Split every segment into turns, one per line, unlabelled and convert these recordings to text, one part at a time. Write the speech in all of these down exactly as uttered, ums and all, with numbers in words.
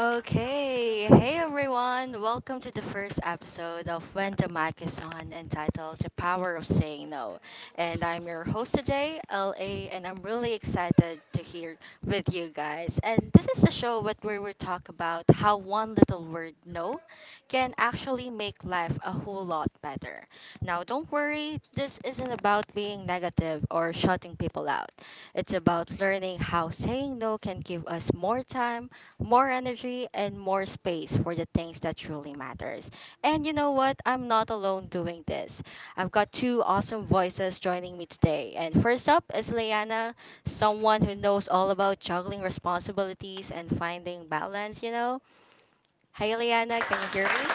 Okay, hey everyone, welcome to the first episode of When the Mic is On entitled The Power of Saying No. And I'm your host today, L A, and I'm really excited to hear with you guys. And this is a show what where we talk about how one little word no can actually make life a whole lot better. Now, don't worry, this isn't about being negative or shutting people out. It's about learning how saying no can give us more time more energy and more space for the things that truly matters. And you know what? I'm not alone doing this. I've got two awesome voices joining me today. And first up is Leanna, someone who knows all about juggling responsibilities and finding balance, you know. Hi Leanna, can you hear me?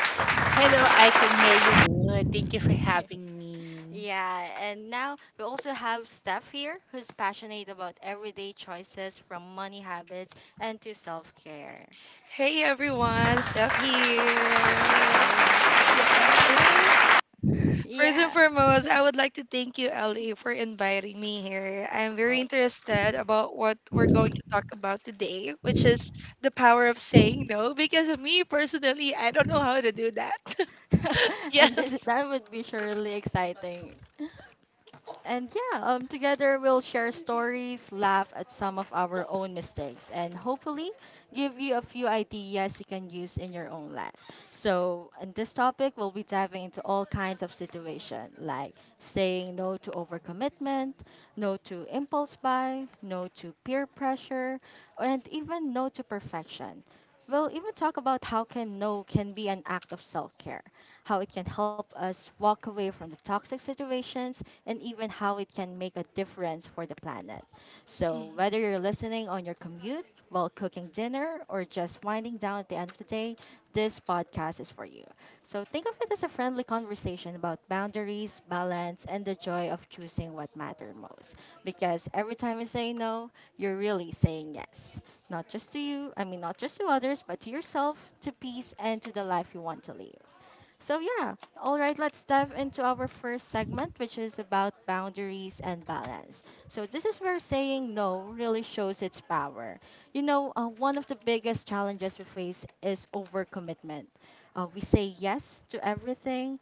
Hello, I can hear you good. Thank you for having me.
Yeah, and now we also have Steph here who's passionate about everyday choices from money habits and to self care.
Hey everyone, Steph here.
All right, and
Yes.
together,
First and
yeah.
foremost, I would like to thank you, L A, for inviting me here. I'm very interested about what we're going to talk about today, which is the power of saying no. Because me personally, I don't know how to do that.
and this,
Yes.
that would be surely exciting. And yeah, um, together we'll share stories, laugh at some of our own mistakes, and hopefully give you a few ideas you can use in your own life. So, in this topic, we'll be diving into all kinds of situations like saying no to overcommitment, no to impulse buy, no to peer pressure, and even no to perfection. We'll even talk about how can no can be an act of self-care, how it can help us walk away from the toxic situations and even how it can make a difference for the planet. So, whether you're listening on your commute, while cooking dinner, or just winding down at the end of the day, this podcast is for you. So, think of it as a friendly conversation about boundaries, balance, and the joy of choosing what matters most. Because every time you say no, you're really saying yes. Not just to you, I mean, not just to others, but to yourself, to peace, and to the life you want to live. So, yeah, all right, let's dive into our first segment, which is about boundaries and balance. So, this is where saying no really shows its power. You know, uh, one of the biggest challenges we face is overcommitment. Uh, we say yes to everything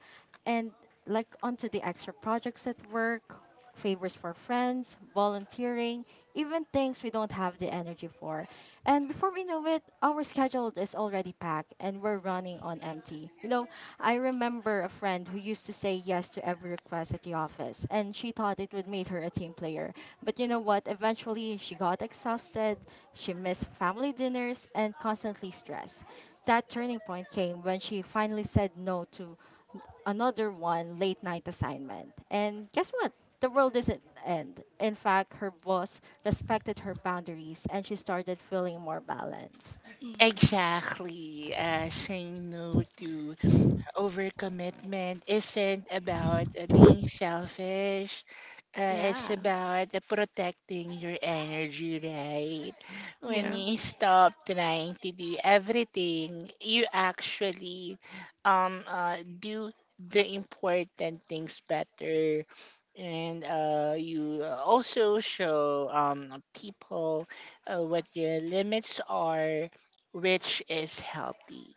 and like onto the extra projects at work, favors for friends, volunteering, even things we don't have the energy for. And before we know it, our schedule is already packed and we're running on empty. You know, I remember a friend who used to say yes to every request at the office, and she thought it would make her a team player. But you know what? Eventually, she got exhausted, she missed family dinners, and constantly stressed. That turning point came when she finally said no to another one late night assignment. And guess what? The world doesn't end. In fact, her boss respected her boundaries and she started feeling more balanced.
Mm.
Exactly. Uh, saying no to overcommitment isn't about uh, being selfish. Uh, it's
Yeah.
about uh, protecting your energy, right? When
mm,
you stop trying to do everything, you actually um uh, do the important things better. And uh, you uh, also show um, people uh, what your limits are, which is healthy.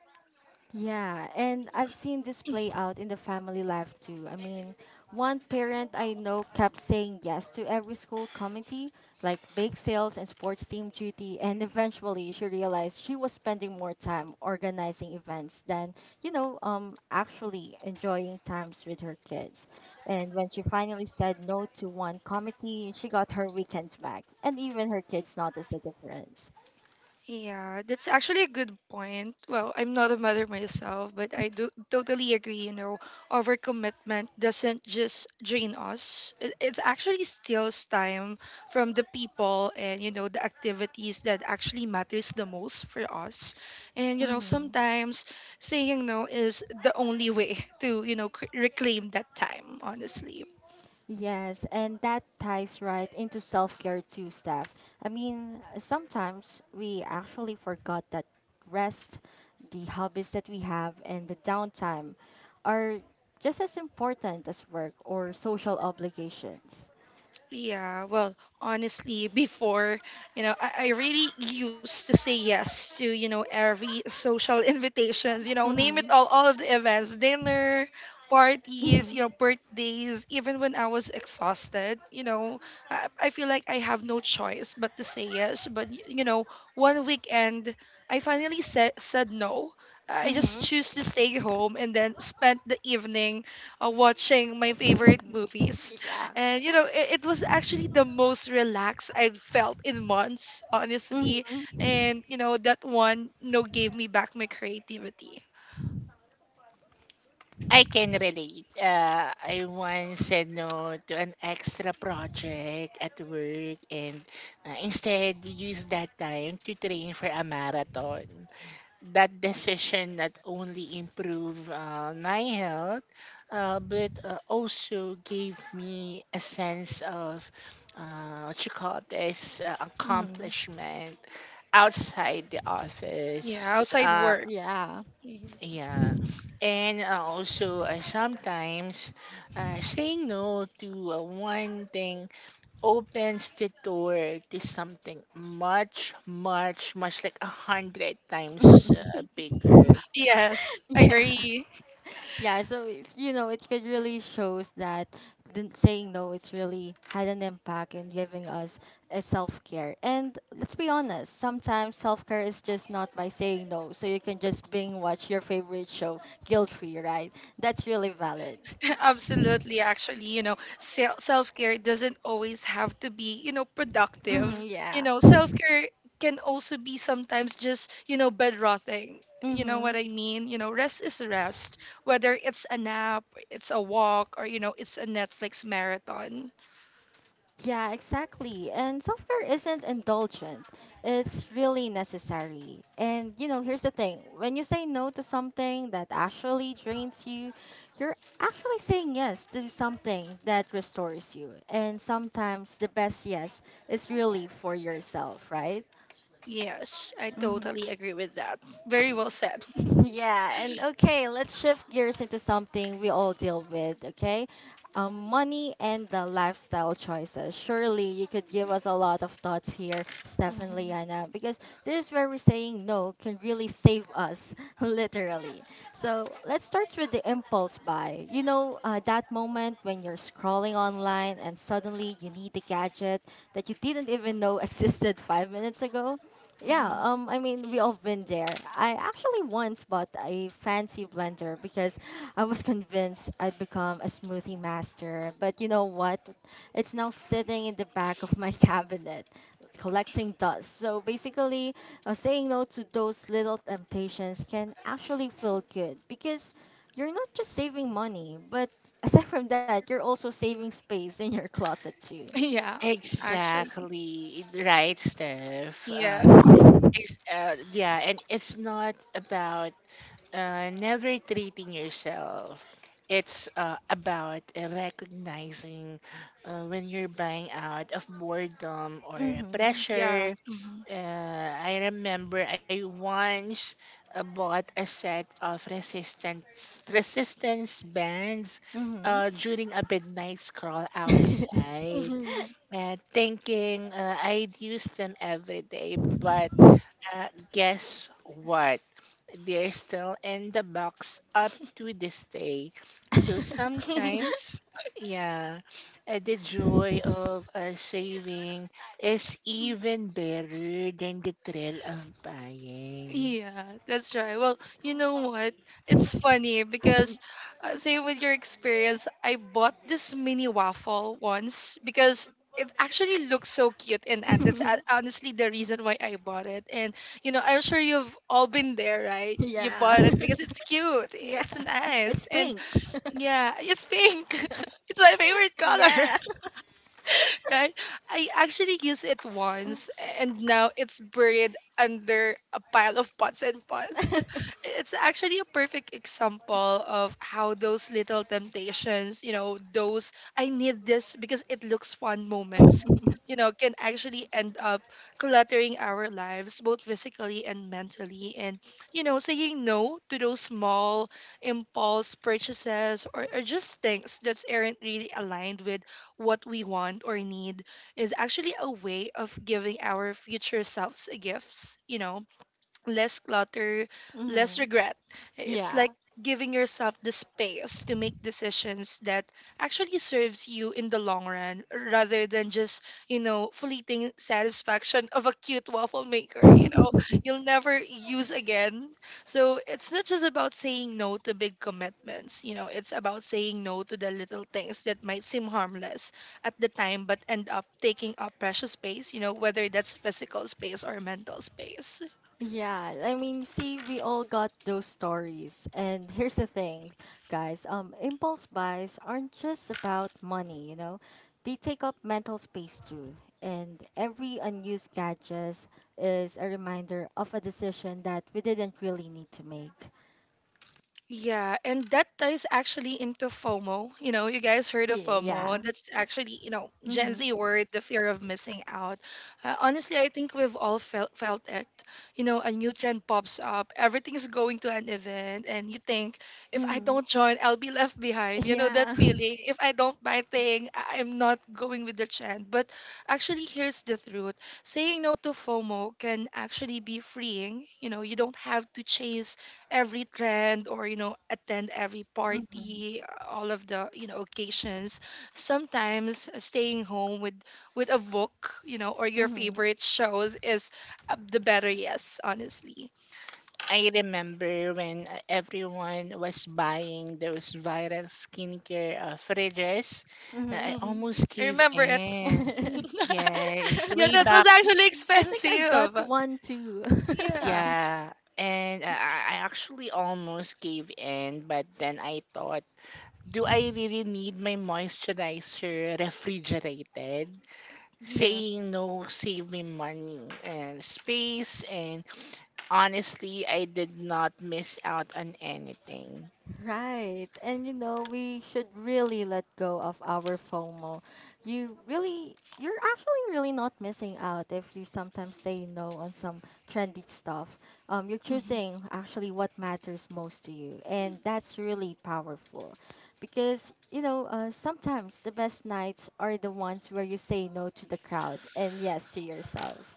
Yeah, and I've seen this play out in the family life too. I mean, one parent I know kept saying yes to every school committee, like bake sales and sports team duty, and eventually she realized she was spending more time organizing events than, you know, um actually enjoying times with her kids. And when she finally said no to one committee, she got her weekends back, and even her kids noticed the difference.
Yeah, that's actually a good point. Well, I'm not a mother myself, but I do totally agree, you know, overcommitment doesn't just drain us. It, it actually steals time from the people and, you know, the activities that actually matters the most for us. And, you know,
Mhm.
sometimes saying no is the only way to, you know, cr- reclaim that time, honestly.
Yes, and that ties right into self care too, Steph. I mean, sometimes we actually forgot that rest, the hobbies that we have, and the downtime are just as important as work or social obligations.
Yeah, well, honestly, before, you know, I, I really used to say yes to, you know, every social invitations, you know, name it
Mhm.
all, all of the events, dinner, parties,
Mhm.
you know, birthdays, even when I was exhausted, you know, I, I feel like I have no choice but to say yes. But, y- you know, one weekend, I finally said, said no. I just
Mm-hmm.
choose to stay home and then spent the evening uh, watching my favorite movies, and you know, it, it was actually the most relaxed I'd felt in months, honestly.
Mm-hmm.
And you know, that one, you know, gave me back my creativity.
I can relate. Uh, I once said no to an extra project at work and uh, instead used that time to train for a marathon. That decision not only improved uh, my health, uh, but uh, also gave me a sense of uh, what you call this uh,
Mm-hmm.
accomplishment outside the
Yeah,
office.
outside
Uh,
work.
Yeah.
Mhm.
yeah. And uh, also, uh, sometimes uh, saying no to uh, one thing opens the door to something much, much, much like a hundred times uh, bigger.
Yes,
Yeah.
agree.
Yeah, so it's, you know, it could really shows that the, saying no, it's really had an impact in giving us a self-care. And let's be honest, sometimes self-care is just not by saying no. So you can just binge watch your favorite show guilt-free, right? That's really valid.
Absolutely, actually, you know, self care doesn't always have to be, you know, productive.
Hmm,
You
yeah.
know, self care can also be sometimes just, you know, bed rotting. You know
Hmm.
what I mean? You know, rest is rest, whether it's a nap, it's a walk, or, you know, it's a Netflix marathon.
Yeah, exactly. And self care isn't indulgent, it's really necessary. And, you know, here's the thing when you say no to something that actually drains you, you're actually saying yes to something that restores you. And sometimes the best yes is really for yourself, right?
Yes, I totally agree with that. Very well said.
Yeah, and okay, let's shift gears into something we all deal with, okay? Um, money and the lifestyle choices. Surely you could give us a lot of thoughts here, Steph and
hmm
Liana, because this is where we're saying no can really save us, literally. So let's start with the impulse buy. You know, uh, that moment when you're scrolling online and suddenly you need a gadget that you didn't even know existed five minutes ago. Yeah,
hmm
um, I mean, we all been there. I actually once bought a fancy blender because I was convinced I'd become a smoothie master. But you know what? It's now sitting in the back of my cabinet, collecting dust. So basically, uh, saying no to those little temptations can actually feel good because you're not just saving money, but aside from that, you're also saving space in your closet too.
Yeah, actually.
Exactly. Right, Steph. Uh,
Yes.
It's, uh, yeah, and it's not about uh, never treating yourself. It's uh, about uh, recognizing uh, when you're buying out of boredom or
Mm-hmm.
Yeah.
pressure.
hmm
Uh, I remember I once uh, bought a set of resistance resistance bands
Mm-hmm.
uh, during a midnight scroll outside. Yeah, thinking uh, I'd use them every day, but uh, guess what? They're still in the box up to this day. So sometimes, yeah, uh, the joy of uh, saving is even better than the thrill of buying.
Yeah, that's right. Well, you know what? It's funny because, uh, say, with your experience, I bought this mini waffle once because it actually looks so cute, and, and that's uh, honestly the reason why I bought it. And, you know, I'm sure you've all been there, right? You
yeah.
bought it because it's cute,
yeah.
it's
It's
nice, and
pink.
yeah, it's pink. It's my favorite color.
yeah.
Right? I actually used it once and now it's buried under a pile of pots and pots. It's actually a perfect example of how those little temptations, you know, those I need this because it looks fun moments, you know, can actually end up cluttering our lives, both physically and mentally. And, you know, saying no to those small impulse purchases or, or just things that aren't really aligned with what we want or need is actually a way of giving our future selves gifts, you know, less clutter, less
Mhm.
regret. It's like
Yeah.
giving yourself the space to make decisions that actually serves you in the long run rather than just, you know, fleeting satisfaction of a cute waffle maker, you know, you'll never use again. So it's not just about saying no to big commitments, you know, it's about saying no to the little things that might seem harmless at the time but end up taking up precious space, you know, whether that's physical space or mental space.
Yeah, I mean, see, we all got those stories. And here's the thing, guys, um, impulse buys aren't just about money, you know, they take up mental space too. And every unused gadget is a reminder of a decision that we didn't really need to make.
Yeah, and that ties actually into FOMO. You know, you guys heard of
Y- Yeah.
FOMO. That's actually, you know, Gen
Mm-hmm.
Z word, the fear of missing out. Uh, honestly, I think we've all felt felt it. You know, a new trend pops up, everything's going to an event, and you think, if I
Mm-hmm.
don't join, I'll be left behind. You know, that
Yeah.
feeling. If I don't buy thing, I- I'm not going with the trend. But actually, here's the truth. Saying no to FOMO can actually be freeing. You know, you don't have to chase every trend, or, you know, attend every
Mm-hmm.
party, all of the, you know, occasions. Sometimes staying home with with a book, you know, or your favorite shows is uh, the better yes, honestly.
I remember when uh, everyone was buying those viral skincare uh, fridges. uh, I
Mm-hmm.
Hmm.
almost
I
gave
remember it.
in.
I
Yes,
Yeah,
way
that was
back.
actually
think I got
expensive.
one too.
Yeah.
Yeah. And uh, I I actually almost gave in, but then I thought, do I really need my moisturizer refrigerated?
Yeah.
Saying no saved me money and space, and honestly, I did not miss out on anything.
Right. And you know, we should really let go of our FOMO. You really, you're actually really not missing out if you sometimes say no on some trendy stuff. Um, you're
Hmm.
choosing actually what matters most to you. And that's really powerful because, you know, uh, sometimes the best nights are the ones where you say no to the crowd and yes to yourself.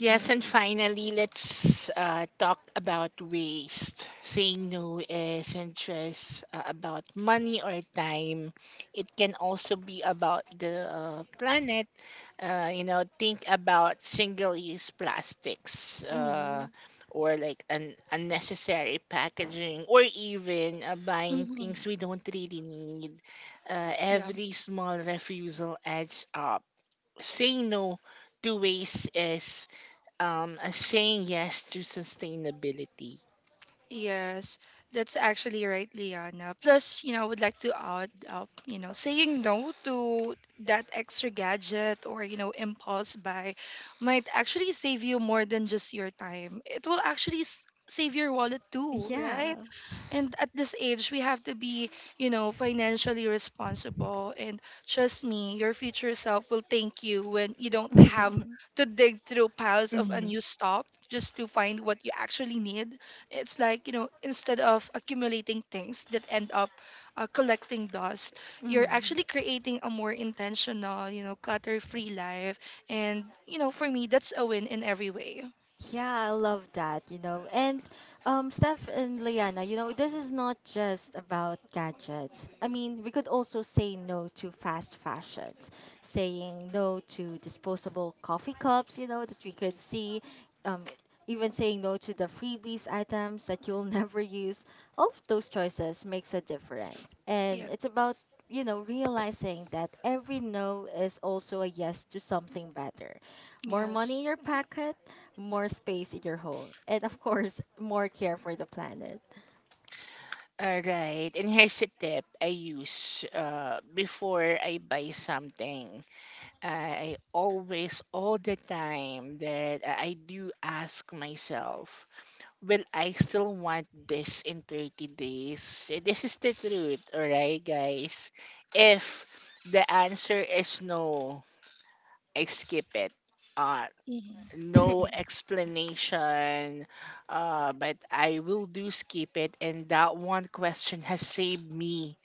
Yes,
Yeah.
and finally, let's uh, talk about waste. Saying no isn't just uh, about money or time. It can also be about the uh, planet. Uh, you know, think about single-use plastics, uh,
Mhm.
or like an unnecessary packaging, or even uh, buying
Hmm.
things we don't really need. Uh, every small refusal adds up. Saying no to waste is um uh, saying yes to sustainability.
Yes, that's actually right, Liana. Plus, you know, I would like to add up, you know, saying no to that extra gadget or, you know, impulse buy might actually save you more than just your time. It will actually s- save your wallet too, right?
Yeah.
And at this age, we have to be, you know, financially responsible. And trust me, your future self will thank you when you don't have to dig through piles of
Mhm.
unused stuff just to find what you actually need. It's like, you know, instead of accumulating things that end up uh, collecting dust, you're actually creating a more intentional, you know,
Mhm.
clutter free life. And, you know, for me, that's a win in every way.
Yeah, I love that, you know. And um, Steph and Liana, you know, this is not just about gadgets. I mean, we could also say no to fast fashions, saying no to disposable coffee cups, you know, that we could see, um, even saying no to the freebies items that you'll never use. All of those choices makes a difference. And
Yeah.
it's about, you know, realizing that every no is also a yes to something better. More money
Yes.
in your pocket, more space in your home, and of course, more care for the planet.
All right. And here's a tip I use uh, before I buy something. I always, all the time, that I do ask myself, will I still want this in thirty days? Eh, this is the truth. All right, guys. If the answer is no, I skip it. Uh,
hmm
no explanation, uh, but I will do skip it. And that one question has saved me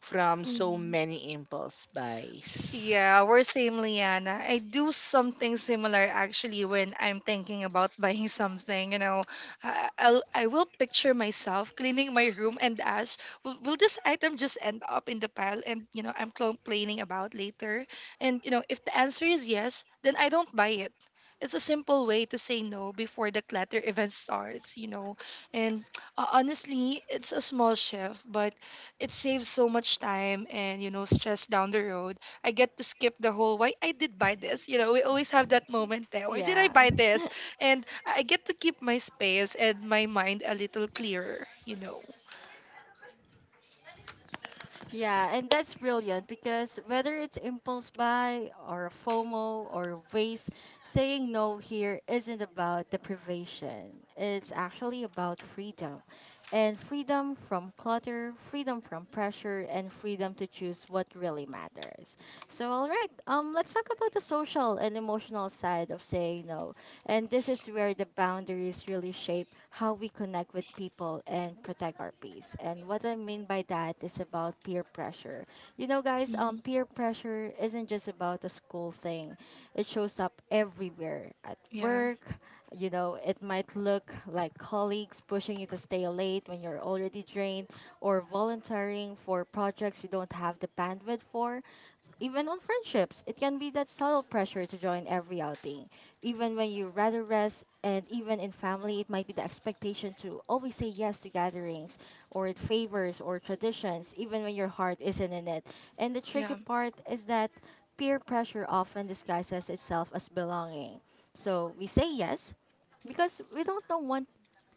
from so many impulse buys.
Yeah, we're same, Liana. I do something similar actually when I'm thinking about buying something. You know, I, I'll, I will picture myself cleaning my room and ask, will, will this item just end up in the pile and, you know, I'm complaining about later? And, you know, if the answer is yes, then I don't buy it. It's a simple way to say no before the clutter event starts, you know. And uh, honestly, it's a small shift, but it saves so much time and, you know, stress down the road. I get to skip the whole why I did buy this. You know, we always have that moment there. Why did I
yeah.
buy this? And I get to keep my space and my mind a little clearer, you know.
Yeah, and that's brilliant because whether it's impulse buy or FOMO or waste, saying no here isn't about deprivation. It's actually about freedom. And freedom from clutter, freedom from pressure, and freedom to choose what really matters. So, all right, um, let's talk about the social and emotional side of saying no. And this is where the boundaries really shape how we connect with people and protect our peace. And what I mean by that is about peer pressure. You know, guys, um,
Hmm.
peer pressure isn't just about a school thing, it shows up everywhere at
Yeah,
work. You know, it might look like colleagues pushing you to stay late when you're already drained, or volunteering for projects you don't have the bandwidth for. Even on friendships, it can be that subtle pressure to join every outing, even when you rather rest, and even in family, it might be the expectation to always say yes to gatherings or it favors or traditions, even when your heart isn't in it. And the tricky
yeah,
part is that peer pressure often disguises itself as belonging. So we say yes because we don't, don't want,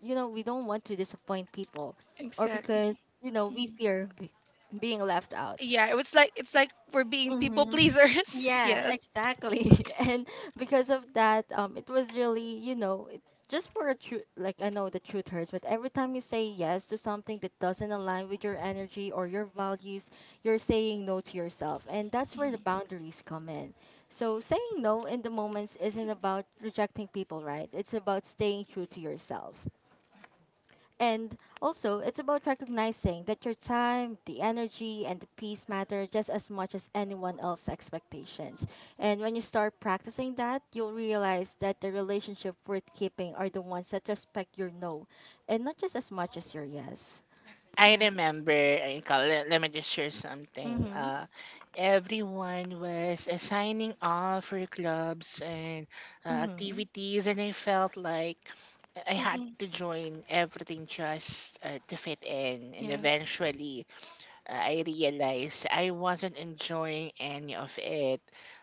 you know, we don't want to disappoint people, or because
exactly.
you know we
mm
fear be- being left out.
Yeah, it was like, it's like we're being people
Mm-hmm.
pleasers.
Yeah,
Yes.
exactly. And because of that, um, it was really, you know, it, just for a truth, like I know the truth hurts, but every time you say yes to something that doesn't align with your energy or your values, you're saying no to yourself. And that's where the
mm
boundaries come in. So saying no in the moments isn't about rejecting people, right? It's about staying true to yourself. And also, it's about recognizing that your time, the energy, and the peace matter just as much as anyone else's expectations. And when you start practicing that, you'll realize that the relationship worth keeping are the ones that respect your no, and not just as much as your yes.
I
Yeah.
remember, uh, ikaw, le- let me just share something.
Mhm.
Uh, everyone was uh, signing off for clubs and uh,
Mhm.
activities, and I felt like I had
hmm
to join everything just uh, to fit in. And
Yeah.
eventually, I realized I wasn't enjoying any of it.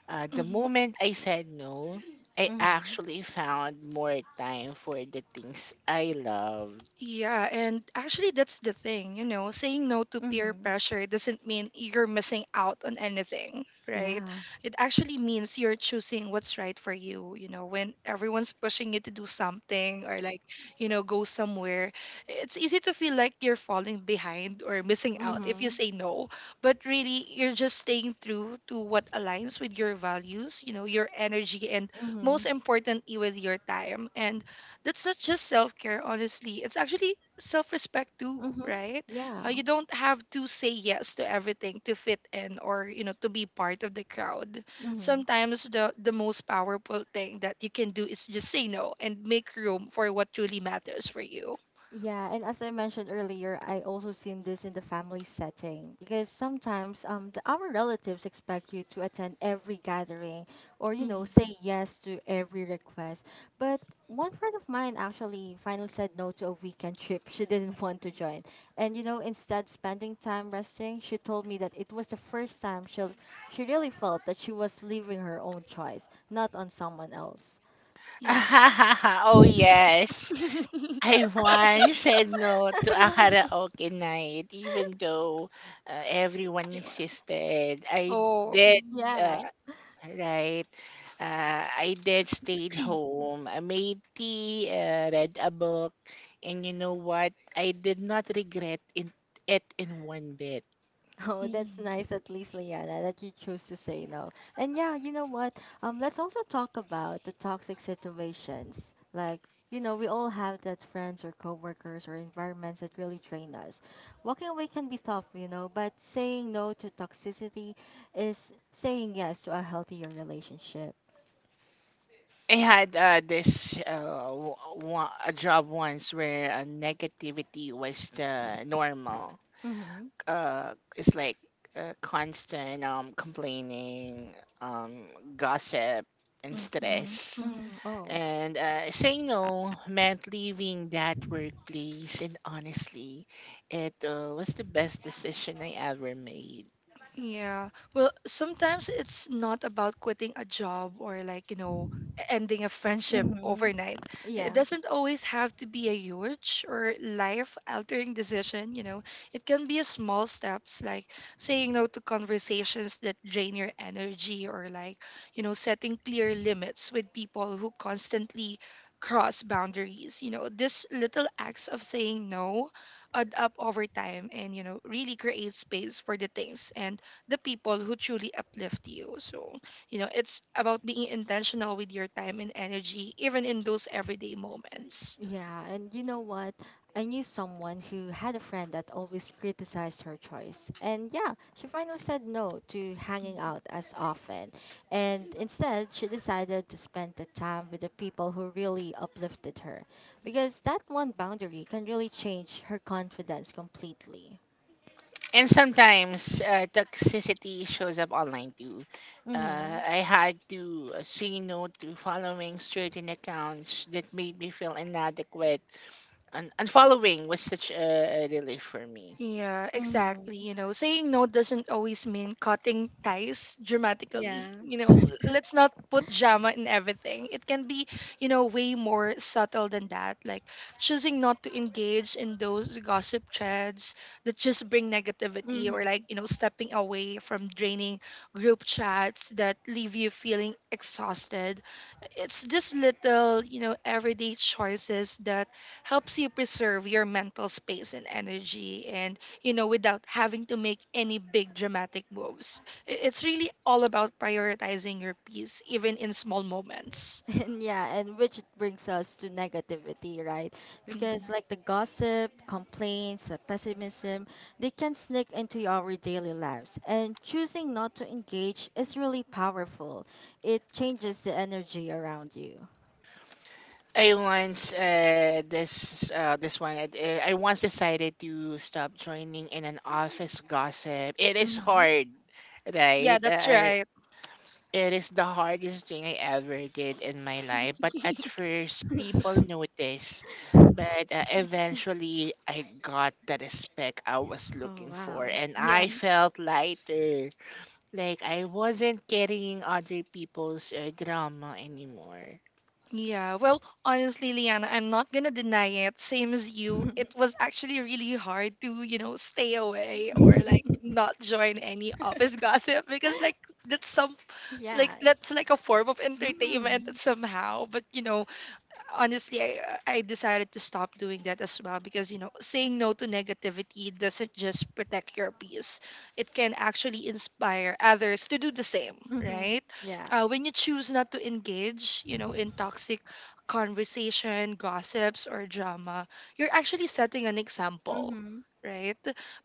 Uh, the
Mm-hmm.
moment I said no, I
Mhm.
actually found more time for the things I loved.
Yeah, and actually, that's the thing, you know, saying no to peer
Mhm.
pressure doesn't mean you're missing out on anything, right?
Yeah.
It actually means you're choosing what's right for you, you know, when everyone's pushing you to do something, or like, you know, go somewhere. It's easy to feel like you're falling behind or missing out if
Mhm.
you
Mhm.
say no, but really, you're just staying true to what aligns with your values, you know, your energy, and most importantly, with your time. And that's not just self care, honestly. It's actually self respect too,
Mm-hmm.
right? Uh,
Yeah.
you don't have to say yes to everything to fit in, or, you know, to be part of the crowd.
Mm-hmm.
Sometimes the the most powerful thing that you can do is just say no and make room for what truly matters for you.
Yeah, and as I mentioned earlier, I also seen this in the family setting because sometimes um the, our relatives expect you to attend every gathering or you know
Mhm.
say yes to every request. But one friend of mine actually finally said no to a weekend trip she didn't want to join. And you know, instead spending time resting, she told me that it was the first time she she really felt that she was leaving her own choice, not on someone else.
Yeah.
Oh, yes. I once said no to a karaoke night, even though uh, everyone
You want-
insisted. I
Oh.
did.
Yeah.
Uh, Right. Uh, I did stayed home. I made tea, uh, read a book, and you know what? I did not regret in, it in one bit.
Oh, that's
Mm-hmm.
nice at least, Liana, that you choose to say no. And yeah, you know what? Um, let's also talk about the toxic situations. Like, you know, we all have that friends or coworkers or environments that really drain us. Walking away can be tough, you know, but saying no to toxicity is saying yes to a healthier relationship.
I had uh, this uh, w- wa- a job once where uh, negativity was the normal.
Mm-hmm.
Uh, it's like uh, constant um, complaining, um, gossip, and
Mm-hmm.
stress.
Mm-hmm.
Mm-hmm. Oh.
And uh, saying no meant leaving that workplace, and honestly, it uh, was the best decision I ever made.
Yeah. Well, sometimes it's not about quitting a job, or like, you know, ending a friendship
Mm-hmm.
overnight. It
Yeah.
doesn't always have to be a huge or life altering decision, you know. It can be a small steps like saying no to conversations that drain your energy, or like, you know, setting clear limits with people who constantly cross boundaries. You know, these little acts of saying no add up over time and, you know, really create space for the things and the people who truly uplift you. So, you know, it's about being intentional with your time and energy, even in those everyday moments.
Yeah, and you know what? I knew someone who had a friend that always criticized her choice. And yeah, she finally said no to hanging
Mm.
out as often. And instead, she decided to spend the time with the people who really uplifted her. Because that one boundary can really change her confidence completely.
And sometimes uh, toxicity shows up online too.
Mm
Uh,
hmm.
I had to uh, say no to following certain accounts that made me feel inadequate, and, and following was such a, a relief for me.
Yeah,
Mm hmm.
exactly. You know, saying no doesn't always mean cutting ties
Yeah.
dramatically. You know, l- let's not put drama in everything. It can be, you know, way more subtle than that. Like choosing not to engage in those gossip threads that just bring negativity,
Mm
or like,
hmm.
you know, stepping away from draining group chats that leave you feeling exhausted. It's this little, you know, everyday choices that helps you preserve your mental space and energy, and you know, without having to make any big dramatic moves. I- it's really all about prioritizing your peace, even in small moments.
And yeah, and which it brings us to negativity, right?
Mhm.
Because like the gossip, complaints, uh, pessimism, they can sneak into our daily lives. And choosing not to engage is really powerful. It changes the energy around you.
I once uh, this uh, this one uh, I once decided to stop joining in an office gossip. It is hard,
Yeah,
right? Uh,
that's
uh,
right.
it is the hardest thing I ever did in my life. But at first, people noticed, but uh, eventually, I got the respect I was
Oh,
looking for,
wow.
and
Yeah.
I felt lighter. Like I wasn't carrying other people's uh, drama anymore.
Yeah, well, honestly, Liana, I'm not gonna deny it, same as you, it was actually really hard to, you know, stay away, or like, not join any office gossip, because like, that's some, like
Yeah.
that's like a form of
Mm-hmm.
entertainment somehow. But you know, honestly, I, I decided to stop doing that as well, because, you know, saying no to negativity doesn't just protect your peace, it can actually inspire others to do the same,
Mm-hmm.
right?
Yeah.
Uh, when you choose not to engage, you know, in toxic conversation, gossips, or drama, you're actually setting an example.
Mm-hmm.
Right?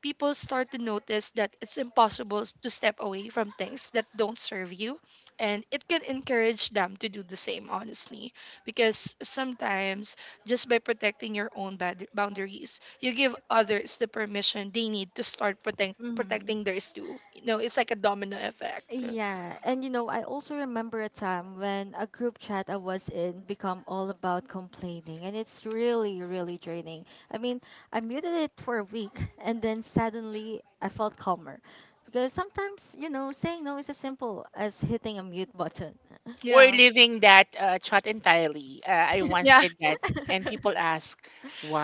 People start to notice that it's impossible to step away from things that don't serve you, and it can encourage them to do the same, honestly, because sometimes just by protecting your own bad- boundaries, you give others the permission they need to start protect-
Mm-hmm.
protecting theirs too, you know. It's like a domino effect.
Yeah, and you know, I also remember a time when a group chat I was in become all about complaining, and it's really, really draining. I mean, I muted it for a week, and then suddenly I felt calmer. Because sometimes, you know, saying no is as simple as hitting a mute button.
Or
Yeah.
leaving that uh, shot entirely. Uh, I once
Yeah.
did that, and people ask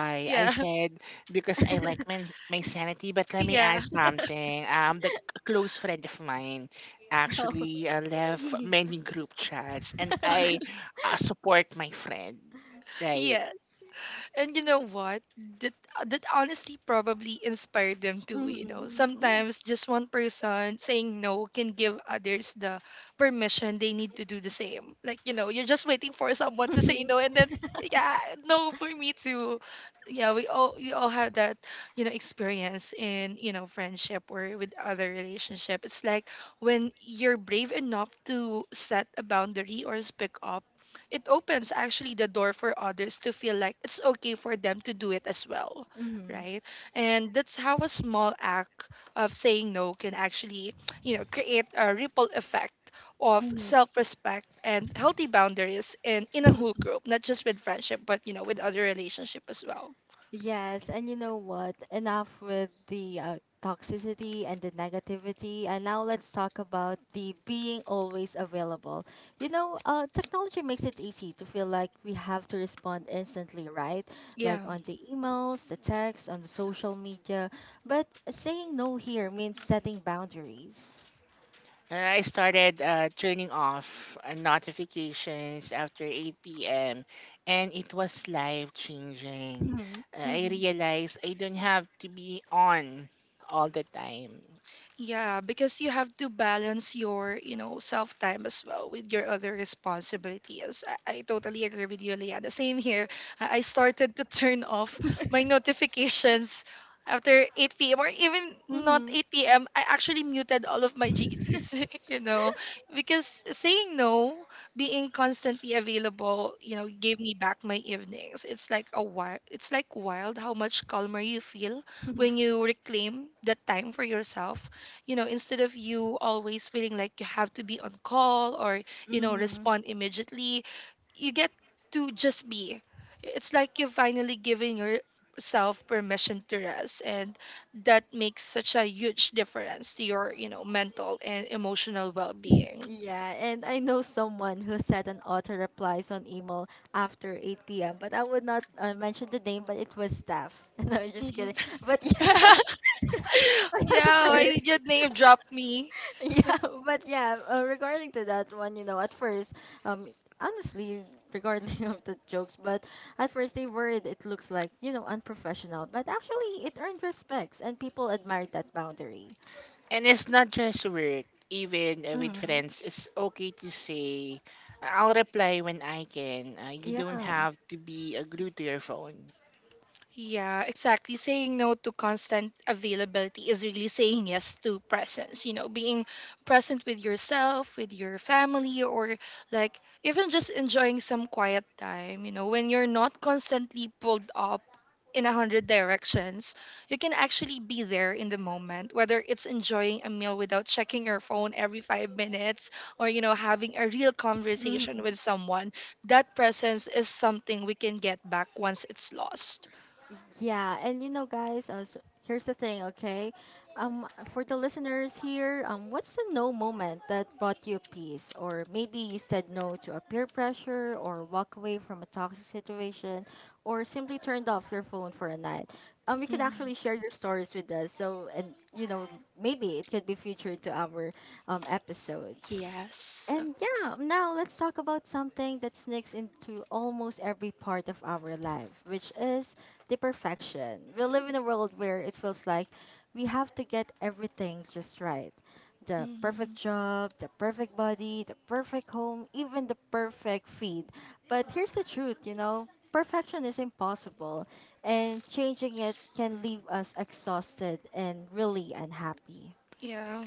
I
Yeah.
said because I like my, my sanity. But let me
Yeah.
add
Yeah.
something. Um, the c- close friend of mine
No.
actually uh, left many group chats, and
Mhm.
I uh, support my friend. Right.
Yes. And you know what? That uh, that honestly probably inspired them too, you know.
Yeah.
Sometimes just one person saying no can give others the permission they need to do the same. Like, you know, you're just waiting for someone to say
Mhm.
no and then yeah, no for me too. Yeah, we all we all had that, you know, experience in, you know, friendship or with other relationship. It's like when you're brave enough to set a boundary or speak up, it opens actually the door for others to feel like it's okay for them to do it as well,
Mhm.
right? And that's how a small act of saying no can actually, you know, create a ripple effect of
Mhm.
self-respect and healthy boundaries in in a whole group, not just with friendship but, you know, with other relationship as well.
Yes, and you know what? Enough with the uh, toxicity and the negativity, and now let's talk about the being always available. You know, uh, technology makes it easy to feel like we have to respond instantly, right? Like
Yeah.
on the emails, the texts, on the social media. But saying no here means setting boundaries.
I started uh, turning off uh, notifications after eight p m and it was life changing.
Mhm.
Uh, I
Mm-hmm.
realized I don't have to be on all the time.
Yeah, because you have to balance your, you know, self time as well with your other responsibilities. I, I totally agree with you, Liana. Same here. I I started to turn off my notifications after eight p m or even not eight p m. I actually muted all of my G Cs, you know, because saying no, being constantly available, you know, gave me back my evenings. It's like a wild, it's like wild how much calmer you feel when you reclaim that time for yourself, you know, instead of you always feeling like you have to be on call or, you know,
Mm-hmm.
respond immediately. You get to just be. It's like you're finally giving yourself permission to rest, and that makes such a huge difference to your, you know, mental and emotional well-being.
Yeah, and I know someone who said an auto replies on email after eight p m, but I would not uh, mention the name, but it was staff. No, I'm just
Mhm.
kidding. But yeah, but at
Yeah, why did
first,
you name drop me?
yeah, but yeah, uh, regarding to that one, you know, at first, um, honestly, regarding of the jokes, but at first they worried it looks like, you know, unprofessional, but actually it earned respects and people admired that boundary.
And it's not just work, even uh, with
Mm-hmm.
friends, it's okay to say, I'll reply when I can. Uh, you don't
Yeah.
have to be uh, glued to your phone.
Yeah, exactly. Saying no to constant availability is really saying yes to presence, you know, being present with yourself, with your family, or like even just enjoying some quiet time, you know, when you're not constantly pulled up in a hundred directions, you can actually be there in the moment, whether it's enjoying a meal without checking your phone every five minutes or, you know, having a real conversation
Hmm.
with someone. That presence is something we can get back once it's lost.
Yeah, and you know, guys, uh, so here's the thing, okay? Um, for the listeners here, um, what's the no moment that brought you peace? Or maybe you said no to a peer pressure, or walk away from a toxic situation, or simply turned off your phone for a night. Um, you could
Mm,
actually share your stories with us. So, and you know, maybe it could be featured to our um episodes.
yes.
And yeah, now let's talk about something that sneaks into almost every part of our life, which is the perfection. We live in a world where it feels like we have to get everything just right. The perfect
Mm,
job, the perfect body, the perfect home, even the perfect feed. But here's the truth, you know, perfection is impossible, and changing it can leave us exhausted and really unhappy.
yeah.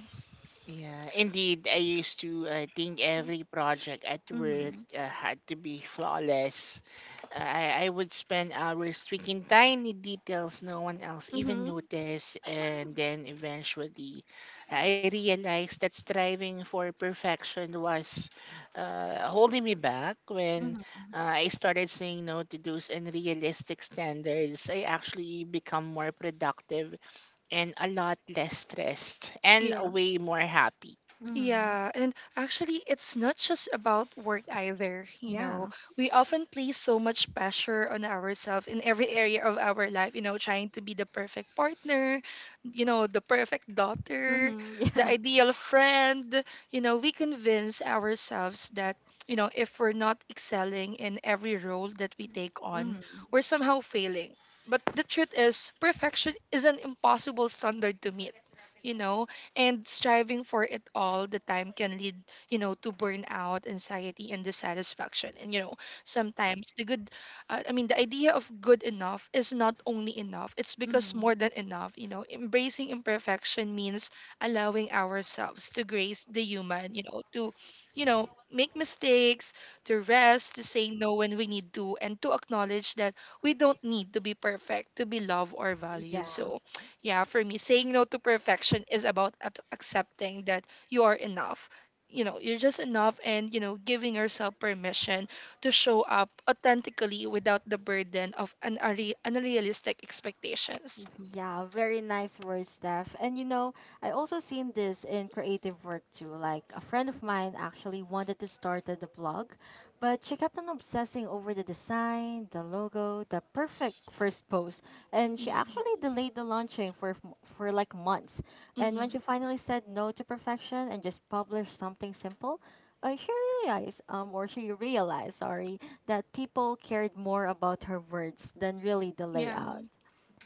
Yeah, indeed. I used to uh, think every project at work
Mm-hmm.
uh, had to be flawless. Uh, I, I would spend hours tweaking tiny details no one else even
Mm-hmm.
noticed, and then eventually I realized that striving for perfection was uh, holding me back. When
Mm-hmm.
uh, I started saying no to those unrealistic standards, I actually become more productive and a lot less stressed and
Yeah.
way more happy.
Mm-hmm.
Yeah, and actually, it's not just about work either. You know,
Yeah.
we often place so much pressure on ourselves in every area of our life, you know, trying to be the perfect partner, you know, the perfect daughter,
Mm-hmm.
the
Yeah.
ideal friend. You know, we convince ourselves that, you know, if we're not excelling in every role that we take on,
Mm-hmm.
we're somehow failing. But the truth is, perfection is an impossible standard to meet. You know, and striving for it all the time can lead, you know, to burnout, anxiety, and dissatisfaction. And, you know, sometimes the good, uh, I mean, the idea of good enough is not only enough, it's because
Mm-hmm.
more than enough. You know, embracing imperfection means allowing ourselves to grace the human, you know, to, you know, make mistakes, to rest, to say no when we need to, and to acknowledge that we don't need to be perfect to be loved or
Yeah.
valued. So yeah, for me, saying no to perfection is about ap- accepting that you are enough. You know, you're just enough, and, you know, giving yourself permission to show up authentically without the burden of an unre- unrealistic expectations.
Yeah, very nice words, Steph. And you know, I also seen this in creative work too. Like a friend of mine actually wanted to start the blog, but she kept on obsessing over the design, the logo, the perfect first post, and she actually
Mm-hmm.
delayed the launching for f- for like months. And
Mm-hmm.
when she finally said no to perfection and just published something simple, uh, she realized, um, or she realized, sorry, that people cared more about her words than really the
Yeah,
layout.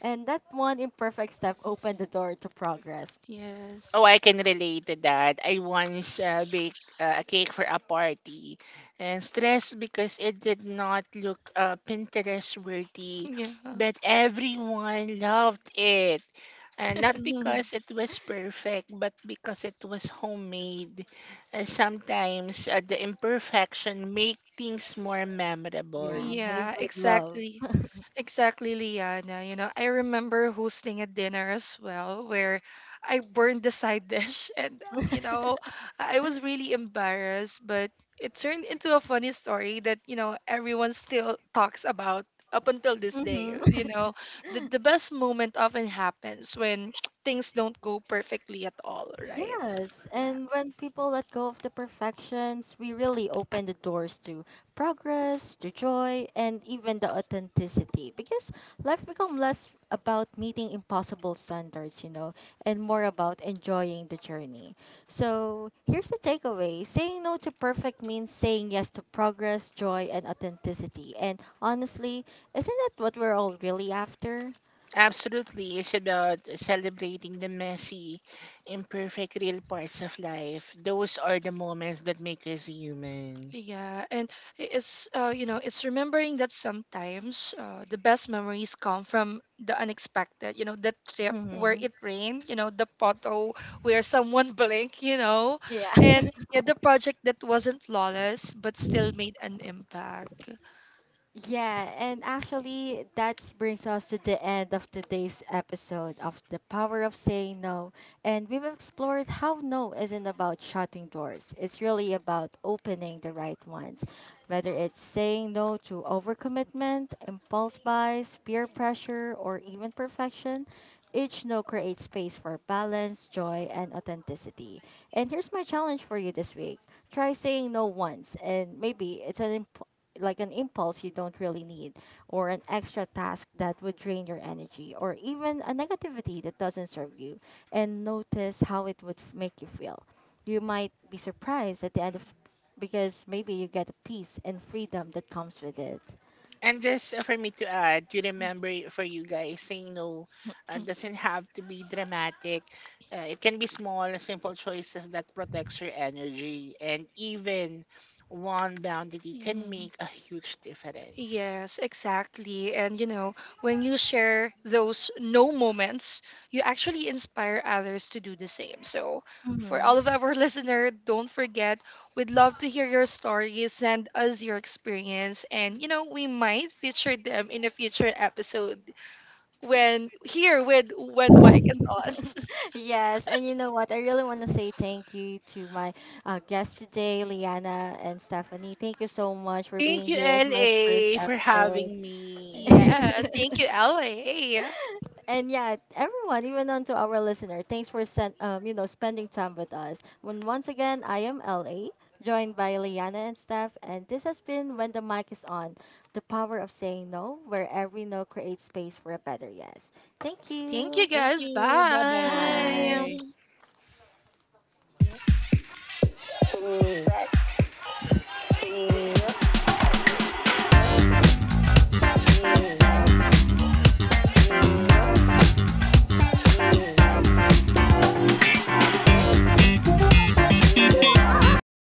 And that one imperfect step opened the door to progress.
yes.
Oh, I can relate to that. I once uh, baked uh, a cake for a party and stressed because it did not look uh, Pinterest worthy,
Yeah.
but everyone loved it. And not
Mhm.
because it was perfect, but because it was homemade. Uh, sometimes uh, the imperfection make things more memorable.
Yeah, made
Yeah,
with love.
exactly. Exactly, Liana. You know, I remember hosting a dinner as well where I burned the side dish and, you know, I was really embarrassed, but it turned into a funny story that, you know, everyone still talks about up until this day.
Hmm.
You know, the, the best moment often happens when things don't go perfectly at all, right?
Yes,
Yeah.
and when people let go of the perfections, we really open the doors to progress, to joy, and even the authenticity. Because life becomes less about meeting impossible standards, you know, and more about enjoying the journey. So here's the takeaway saying no to perfect means saying yes to progress, joy, and authenticity. And honestly, isn't that what we're all really after?
Absolutely. It's about celebrating the messy, imperfect, real parts of life. Those are the moments that make us human.
Yeah, and i- it's uh, you know, it's remembering that sometimes uh, the best memories come from the unexpected. You know, the trip where
Hmm.
it rained. You know, the photo where someone blinked. You know,
Yeah.
and yeah, the project that wasn't flawless but still made an impact.
Yeah, and actually, that brings us to the end of today's episode of The Power of Saying No. And we've explored how no isn't about shutting doors, it's really about opening the right ones. Whether it's saying no to overcommitment, impulse buys, peer pressure, or even perfection, each no creates space for balance, joy, and authenticity. And here's my challenge for you this week try saying no once and maybe it's an like an impulse you don't really need, or an extra task that would drain your energy, or even a negativity that doesn't serve you, and notice how it would f- make you feel. You might be surprised at the end of because maybe you get a peace and freedom that comes with it.
And just uh, for me to add, to remember y- for you guys, saying no uh, doesn't have to be dramatic. Uh, it can be small, simple choices that protects your energy. And even one boundary can make a huge difference.
Yes, exactly. And you know, when you share those no moments, you actually inspire others to do the same. So, for all of
Hmm.
our listeners, don't forget, we'd love to hear your stories. Send us your experience, and you know, we might feature them in a future episode when here with when Mike is on.
Yes, and you know what? I really want to say thank you to my uh, guests today, Liana and Stephanie. Thank you so much for
Thank
being
you,
here at my first
L A, for
episode.
having me.
Yes, thank you, L A.
And yeah, everyone, even on to our listener, thanks for sen- um, you know spending time with us. When once again, I am La, joined by Liana and Steph, and this has been when the mic is on, the power of saying no, where every no creates space for a better yes. Thank
Thank you,
you.
Thank
guys.
you.
Bye.
Bye.
Bye-bye.